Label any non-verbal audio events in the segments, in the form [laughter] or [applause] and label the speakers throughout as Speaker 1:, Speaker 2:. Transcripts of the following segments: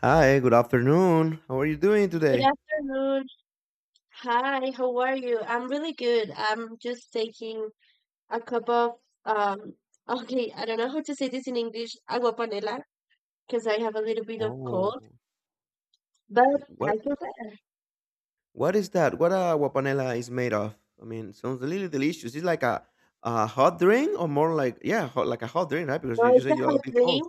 Speaker 1: Hi, good afternoon. How are you doing
Speaker 2: Good
Speaker 1: today?
Speaker 2: afternoon. Hi, how are you? I'm really good. I'm just taking a cup of um [laughs] okay, I don't know how to say this in English, agua panela, because I have a little bit of
Speaker 1: Oh,
Speaker 2: cold, but I
Speaker 1: what
Speaker 2: can
Speaker 1: what is that? What guapanela is made of? I mean, sounds a little delicious. It's like a hot drink or more like yeah, hot, like a hot drink, right? Because
Speaker 2: no,
Speaker 1: you
Speaker 2: it's
Speaker 1: say
Speaker 2: a
Speaker 1: you're a
Speaker 2: hot
Speaker 1: bit cold.
Speaker 2: drink.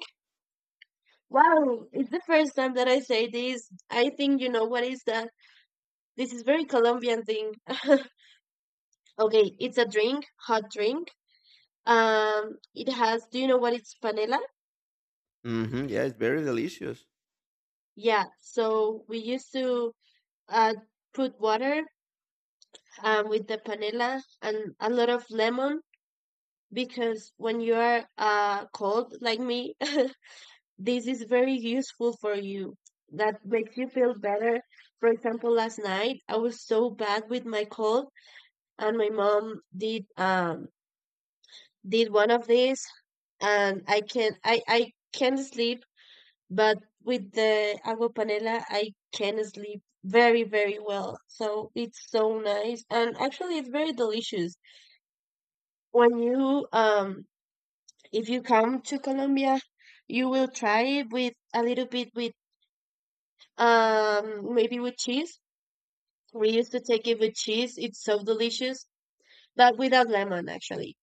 Speaker 2: Wow, it's the first time that I say this. I think you know what is that? This is very Colombian thing. [laughs] Okay, it's a drink, hot drink. It has, do you know what it's panela?
Speaker 1: Mm-hmm. Yeah, it's very delicious.
Speaker 2: Yeah, so we used to uh put water with the panela and a lot of lemon because when you are cold like me, [laughs] this is very useful for you. That makes you feel better. For example, last night I was so bad with my cold, and my mom did one of these, and I can sleep, but with the agua panela I can sleep very very well. So it's so nice, and actually it's very delicious. When you if you come to Colombia, you will try it with a little bit with maybe with cheese. We used to take it with cheese. It's so delicious, but without lemon actually.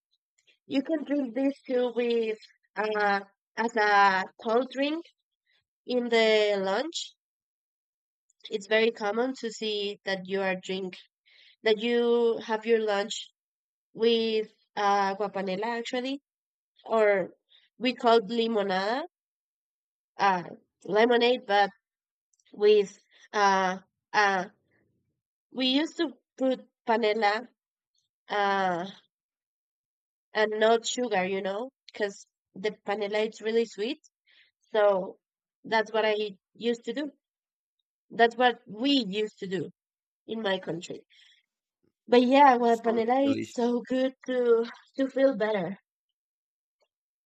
Speaker 2: You can drink this too with uh as a cold drink in the lunch. It's very common to see that you are drink that you have your lunch with guapanela actually or we call limonada, uh, lemonade, but with uh, uh, we used to put panela, uh, and not sugar, you know, because the panela is really sweet. So that's what I used to do. That's what we used to do in my country. But yeah, well,
Speaker 1: Sounds
Speaker 2: panela is
Speaker 1: delicious.
Speaker 2: so good to feel better.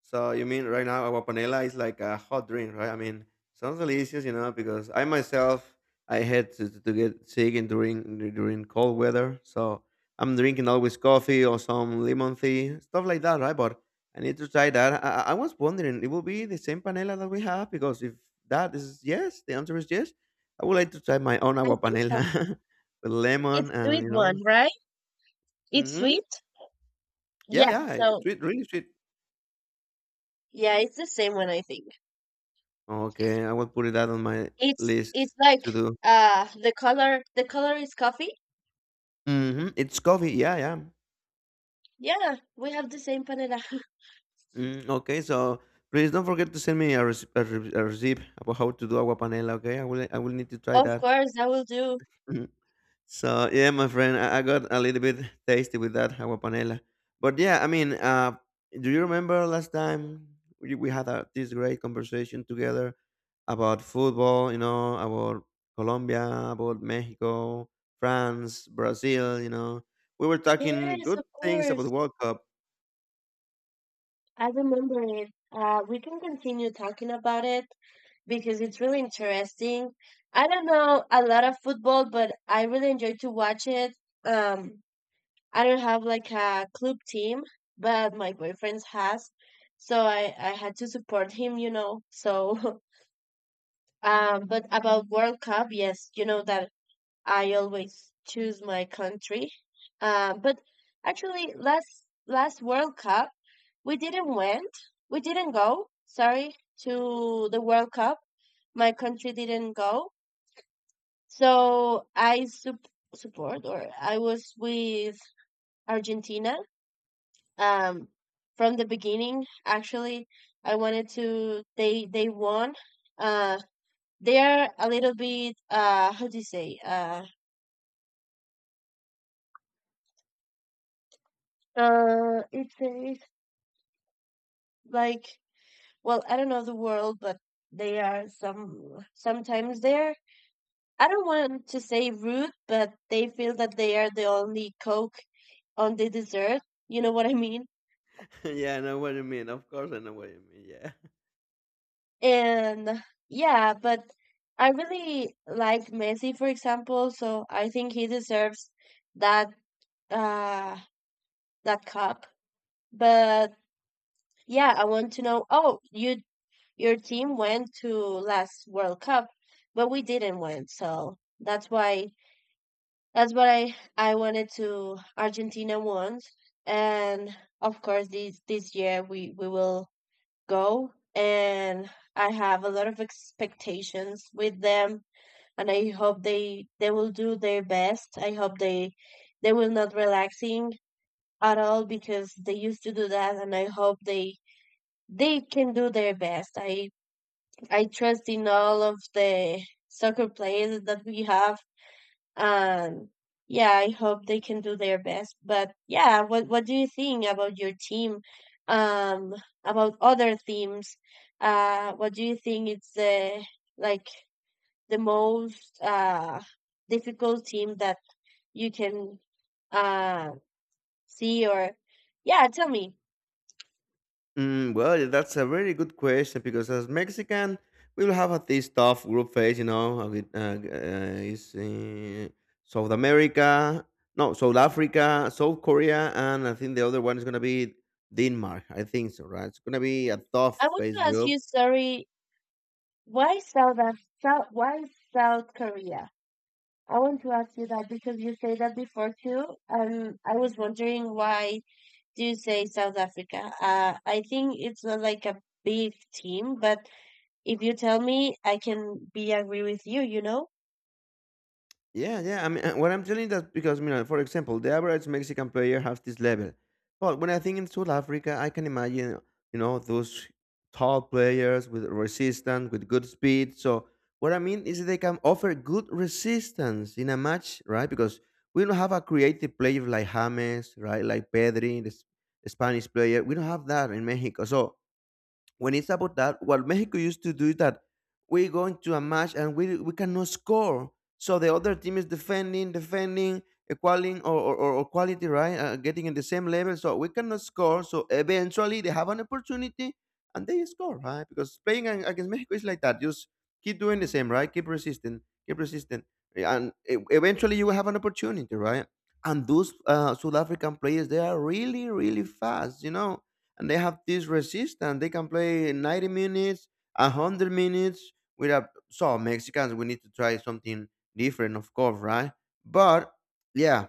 Speaker 1: So you mean right now agua panela is like a hot drink, right? I mean, sounds delicious, because I myself I had to get sick in during cold weather, so I'm drinking always coffee or some lemon tea, stuff like that, right? But I need to try that. I was wondering, it will be the same panela that we have because if that is yes, the answer is yes. I would like to try my own
Speaker 2: I
Speaker 1: agua
Speaker 2: think so.
Speaker 1: panela [laughs] with
Speaker 2: It's
Speaker 1: lemon and
Speaker 2: sweet
Speaker 1: you know,
Speaker 2: one, right? It's
Speaker 1: hmm
Speaker 2: sweet.
Speaker 1: yeah,
Speaker 2: Yeah.
Speaker 1: yeah, it's
Speaker 2: So
Speaker 1: sweet, really sweet.
Speaker 2: yeah, it's the same one, I think.
Speaker 1: Okay, I will put that on my
Speaker 2: It's
Speaker 1: list
Speaker 2: it's like
Speaker 1: to do.
Speaker 2: the color is coffee.
Speaker 1: Mhm, it's coffee, yeah, yeah.
Speaker 2: Yeah, we have the same panela. [laughs]
Speaker 1: Mm, okay, so please don't forget to send me a recipe about how to do agua panela, okay? I will need to try
Speaker 2: Of
Speaker 1: that.
Speaker 2: course, I will do.
Speaker 1: Mm-hmm. So yeah, my friend, I got a little bit tasty with that agua panela. But yeah, I mean, do you remember last time we had this great conversation together about football? About Colombia, about Mexico, France, Brazil. You know, we were talking
Speaker 2: Yes,
Speaker 1: good
Speaker 2: of
Speaker 1: things about
Speaker 2: course.
Speaker 1: the World Cup.
Speaker 2: I remember it. We can continue talking about it because it's really interesting. I don't know a lot of football, but I really enjoy to watch it. Um, I don't have like a club team, but my boyfriend has, so I had to support him, you know. So, [laughs] but about World Cup, yes, you know that I always choose my country. But actually, last World Cup, we didn't went. We didn't go. Sorry to the World Cup. My country didn't go. So support or I was with Argentina. Um, from the beginning, actually, I wanted to. They won. Uh, they are a little bit. How do you say? It's a like well, I don't know the world, but they are some sometimes they're, I don't want to say rude, but they feel that they are the only coke on the dessert, you know what I mean?
Speaker 1: [laughs] yeah, I know what you mean. Of course, I know what you mean. Yeah.
Speaker 2: And yeah, but I really like Messi, for example, so I think he deserves that, uh that cup. But yeah, I want to know, oh, you your team went to last World Cup, but we didn't win, so that's why. That's what I wanted to Argentina once, and of course this year we will go, and I have a lot of expectations with them, and I hope they will do their best. I hope they will not relaxing at all because they used to do that, and I hope they can do their best. I trust in all of the soccer players that we have, um, yeah, I hope they can do their best. But yeah, what do you think about your team? Um, about other teams? What do you think it's the like the most difficult team that you can uh see or yeah, tell me.
Speaker 1: Mm, well, that's a very good question because as Mexican, we'll have a this tough group phase. With, is South America, no, South Africa, South Korea, and I think the other one is gonna be Denmark. I think so, right? It's gonna be a tough
Speaker 2: I want to
Speaker 1: phase
Speaker 2: ask
Speaker 1: group.
Speaker 2: you, sorry, why South Af South why South Korea? I want to ask you that because you say that before too, and I was wondering why do say South Africa. I think it's not like a big team, but if you tell me, I can be agree with you, you know?
Speaker 1: Yeah, yeah. I mean, what I'm telling that because, for example, the average Mexican player has this level. But when I think in South Africa, I can imagine, those tall players with resistance, with good speed. So what I mean is they can offer good resistance in a match, right? Because we don't have a creative player like James, right? Like Pedri, the Spanish player. We don't have that in Mexico. So when it's about that, what Mexico used to do is that we go into a match and we cannot score. So the other team is defending, defending, equaling or quality, right? Getting in the same level. So we cannot score. So eventually they have an opportunity and they score, right? Because playing against Mexico is like that. Just keep doing the same, right? Keep resisting, keep resisting. And eventually you will have an opportunity, right? And those South African players, they are really, really fast, and they have this resistance. They can play 90 minutes, 100 minutes without. So, Mexicans, we need to try something different, of course, right? But yeah,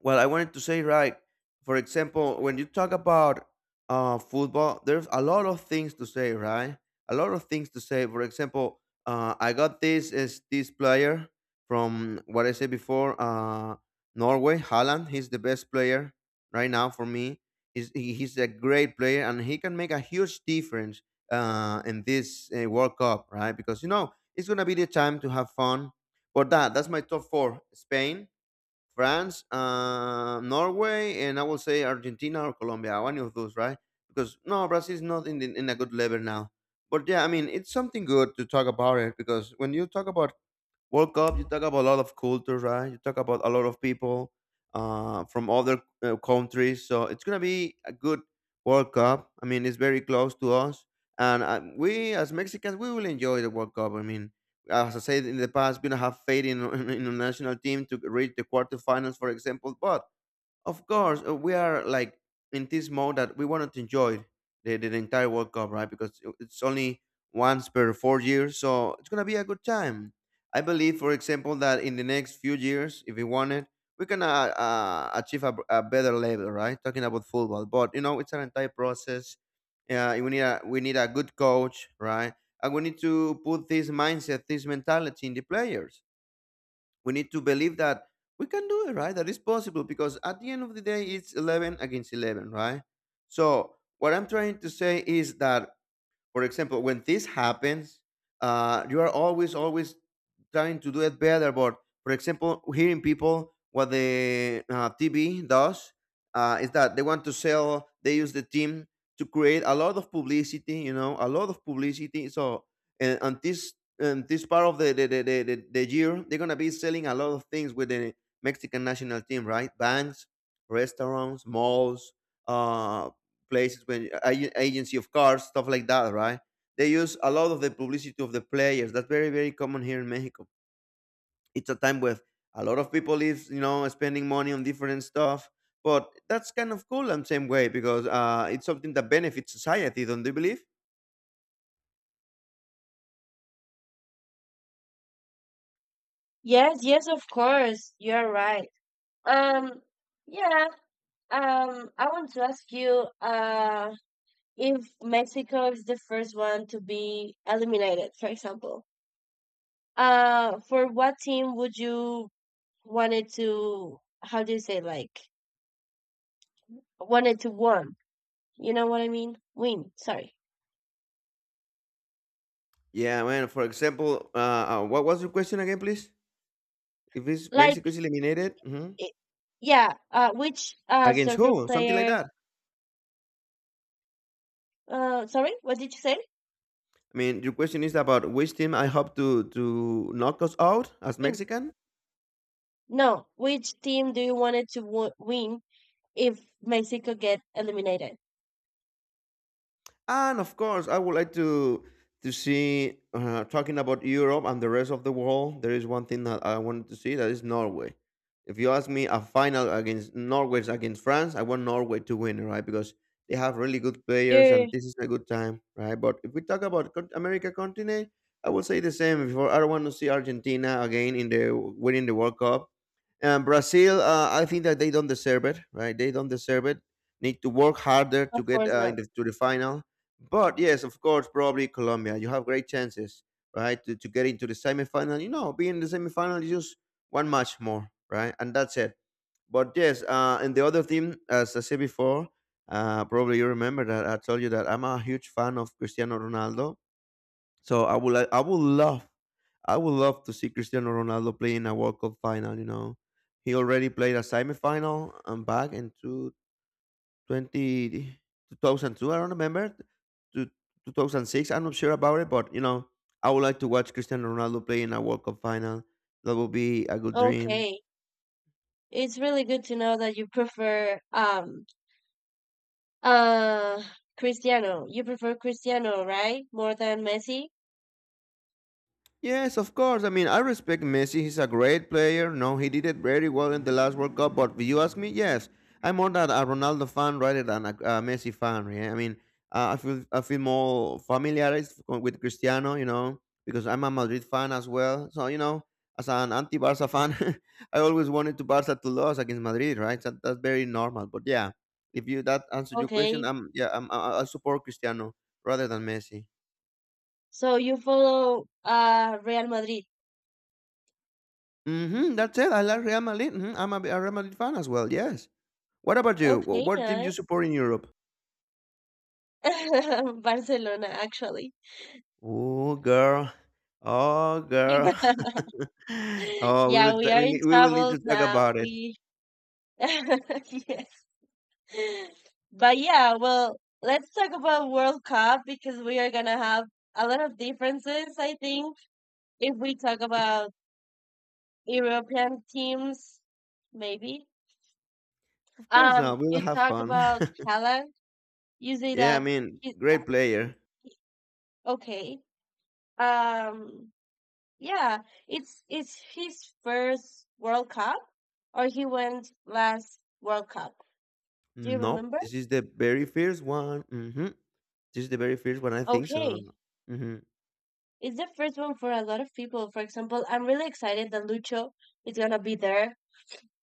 Speaker 1: well, I wanted to say, right, for example, when you talk about football, there's a lot of things to say, right? A lot of things to say. For example, I got this player from what I said before, Norway, Haaland. He's the best player right now for me. He's a great player and he can make a huge difference in this World Cup, right? Because, it's going to be the time to have fun. But that's my top four: Spain, France, Norway, and I will say Argentina or Colombia, or any of those, right? Because no, Brazil is not in a good level now. But yeah, I mean, it's something good to talk about it because when you talk about World Cup, you talk about a lot of cultures, right? You talk about a lot of people from other countries. So it's going to be a good World Cup. I mean, it's very close to us. And we, as Mexicans, we will enjoy the World Cup. I mean, as I said in the past, we don't have faith in [laughs] in the national team to reach the quarterfinals, for example. But of course, we are like in this mode that we wanted to enjoy the entire World Cup, right? Because it's only once per 4 years, so it's gonna be a good time. I believe, for example, that in the next few years, if we want it, we can achieve a better level, right? Talking about football, but it's an entire process. We need a good coach, right? And we need to put this mindset, this mentality in the players. We need to believe that we can do it, right? That is possible because at the end of the day, it's 11 against 11, right? So what I'm trying to say is that for example, when this happens, you are always, always trying to do it better. But for example, hearing people what the TV does is that they want to sell. They use the team to create a lot of publicity. You know, a lot of publicity. So and this part of the year, they're gonna be selling a lot of things with the Mexican national team, right? Banks, restaurants, malls, uh, places when agency of cars, stuff like that, right? They use a lot of the publicity of the players. That's very very common here in Mexico. It's a time where a lot of people is spending money on different stuff, but that's kind of cool in same way because it's something that benefits society, don't you believe?
Speaker 2: Yes, yes, of course. You're right. Um, yeah, I want to ask you, if Mexico is the first one to be eliminated, for example, for what team would you wanted to, how do you say, like, wanted to won? You know what I mean? Win, sorry.
Speaker 1: Yeah, man. For example, what was your question again, please? If it's Mexico
Speaker 2: Like,
Speaker 1: is eliminated
Speaker 2: I yeah, which
Speaker 1: against
Speaker 2: soccer
Speaker 1: who, something like
Speaker 2: player?
Speaker 1: that.
Speaker 2: Sorry, what did you say?
Speaker 1: I mean, your question is about which team I hope to knock us out as
Speaker 2: Win.
Speaker 1: Mexican.
Speaker 2: No, which team do you want it to w win if Mexico get eliminated?
Speaker 1: And of course, I would like to see talking about Europe and the rest of the world. There is one thing that I wanted to see that is Norway. If you ask me, a final against Norway's against France, I want Norway to win, right? Because they have really good players,
Speaker 2: You're
Speaker 1: and this is a good time, right? But if we talk about America continent, I will say the same. Before I want to see Argentina again in the winning the World Cup. And Brazil, I think that they don't deserve it, right? They don't deserve it. Need to work harder
Speaker 2: of
Speaker 1: to get
Speaker 2: course not.
Speaker 1: to the final. But yes, of course, probably Colombia. You have great chances, right, to get into the semifinal. You know, being in the semifinal is just one match more, right, and that's it. But yes, and the other team, as I said before, probably you remember that I told you that I'm a huge fan of Cristiano Ronaldo. So I would love to see Cristiano Ronaldo play in a World Cup final. You know, he already played a semifinal and back in two, 20, 2002, I don't remember, to 2006. I'm not sure about it, but you know, I would like to watch Cristiano Ronaldo play in a World Cup final. That would be a good dream.
Speaker 2: Okay, it's really good to know that you prefer uh Cristiano. You prefer Cristiano, right? More than Messi.
Speaker 1: Yes, of course. I mean, I respect Messi. He's a great player. No, he did it very well in the last World Cup. But if you ask me, yes, I'm more than a Ronaldo fan rather than a Messi fan. Yeah, I mean, I feel more familiarized with Cristiano, because I'm a Madrid fan as well. So as an anti-Barca fan, [laughs] I always wanted to Barca to lose against Madrid, right? So that's very normal. But yeah, if you that answered your question,
Speaker 2: Okay,
Speaker 1: I'm yeah, I'm, I support Cristiano rather than Messi.
Speaker 2: so you follow Real Madrid.
Speaker 1: Mhm, that's it. I like Real Madrid. Mhm, I'm a Real Madrid fan as well. Yes. What about you?
Speaker 2: Okay,
Speaker 1: What team do
Speaker 2: nice.
Speaker 1: you support in Europe?
Speaker 2: [laughs] Barcelona, actually.
Speaker 1: Oh, girl. Oh, girl.
Speaker 2: [laughs]
Speaker 1: [laughs] oh, we
Speaker 2: Yeah,
Speaker 1: will.
Speaker 2: we
Speaker 1: ta-
Speaker 2: are
Speaker 1: we,
Speaker 2: in
Speaker 1: need, we will need
Speaker 2: trouble
Speaker 1: to talk
Speaker 2: now.
Speaker 1: about it.
Speaker 2: We [laughs] yes. But yeah, well, let's talk about World Cup because we are gonna have a lot of differences, I think, if we talk about European teams, maybe.
Speaker 1: Of course, not. We will
Speaker 2: You
Speaker 1: have
Speaker 2: talk
Speaker 1: fun.
Speaker 2: about
Speaker 1: [laughs]
Speaker 2: Haaland, you say
Speaker 1: yeah, I
Speaker 2: that
Speaker 1: mean,
Speaker 2: he's
Speaker 1: great player.
Speaker 2: okay. Um, yeah, it's his first World Cup or he went last World Cup. Do you
Speaker 1: No,
Speaker 2: remember?
Speaker 1: this is the very first one. Hmm. This is the very first one. I think
Speaker 2: Okay.
Speaker 1: so. Hmm.
Speaker 2: It's the first one for a lot of people. For example, I'm really excited that Lucho is gonna be there.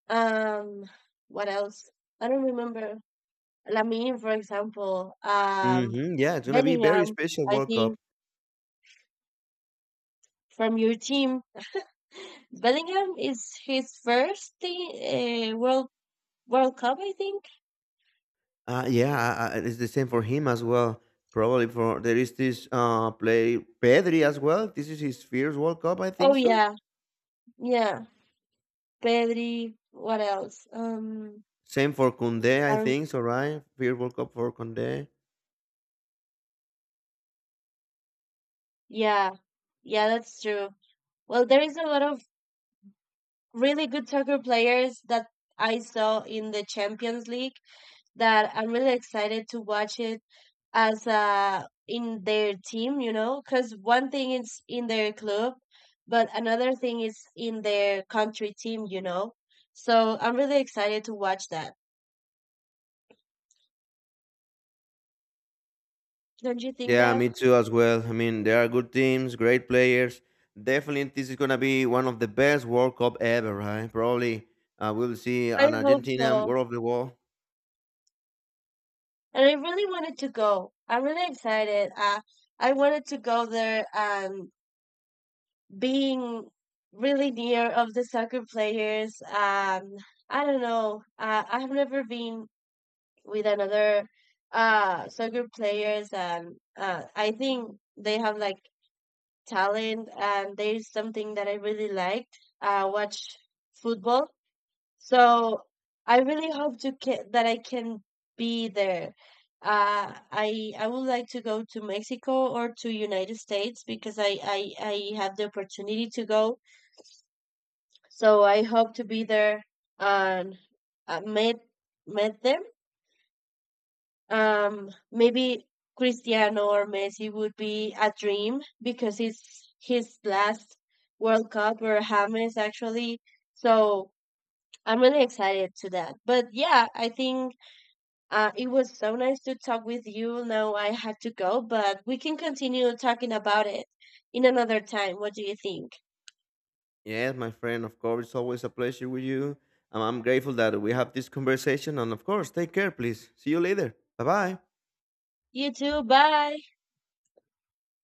Speaker 2: Um, what else? I don't remember. Lamine, for example.
Speaker 1: Hmm. Yeah, it's gonna be very
Speaker 2: Bellingham,
Speaker 1: special
Speaker 2: I
Speaker 1: World Cup.
Speaker 2: think from your team. Bellingham is his first thing, World Cup, I think.
Speaker 1: Yeah, it's the same for him as well. Probably for there is this play Pedri as well. This is his first World Cup, I
Speaker 2: Oh
Speaker 1: think so.
Speaker 2: yeah, yeah. Pedri, what else?
Speaker 1: Same for Kunde, I
Speaker 2: Aaron-
Speaker 1: think so, right? First World Cup for Kunde.
Speaker 2: yeah, yeah, that's true. Well, there is a lot of really good soccer players that I saw in the Champions League that I'm really excited to watch it as in their team, you know, because one thing is in their club, but another thing is in their country team, you know. So I'm really excited to watch that. Don't you think
Speaker 1: Yeah,
Speaker 2: that?
Speaker 1: me too as well. I mean, there are good teams, great players. Definitely, this is gonna be one of the best World Cup ever, right? Probably, we'll see
Speaker 2: I
Speaker 1: an
Speaker 2: hope
Speaker 1: Argentina
Speaker 2: so.
Speaker 1: World of the World.
Speaker 2: And I really wanted to go. I'm really excited. I wanted to go there and being really near of the soccer players. I don't know. I have never been with another soccer players, and I think they have like talent, and there's something that I really like. Watch football, so I really hope to that I can be there. I would like to go to Mexico or to United States because I have the opportunity to go, so I hope to be there and uh, meet meet them. Maybe Cristiano or Messi would be a dream because it's his last World Cup or James actually. So I'm really excited to that. But yeah, I think it was so nice to talk with you. Now I had to go, but we can continue talking about it in another time. What do you think?
Speaker 1: Yes, my friend, of course, it's always a pleasure with you. I'm grateful that we have this conversation. And of course, take care, please. See you later. Bye bye.
Speaker 2: You too. Bye.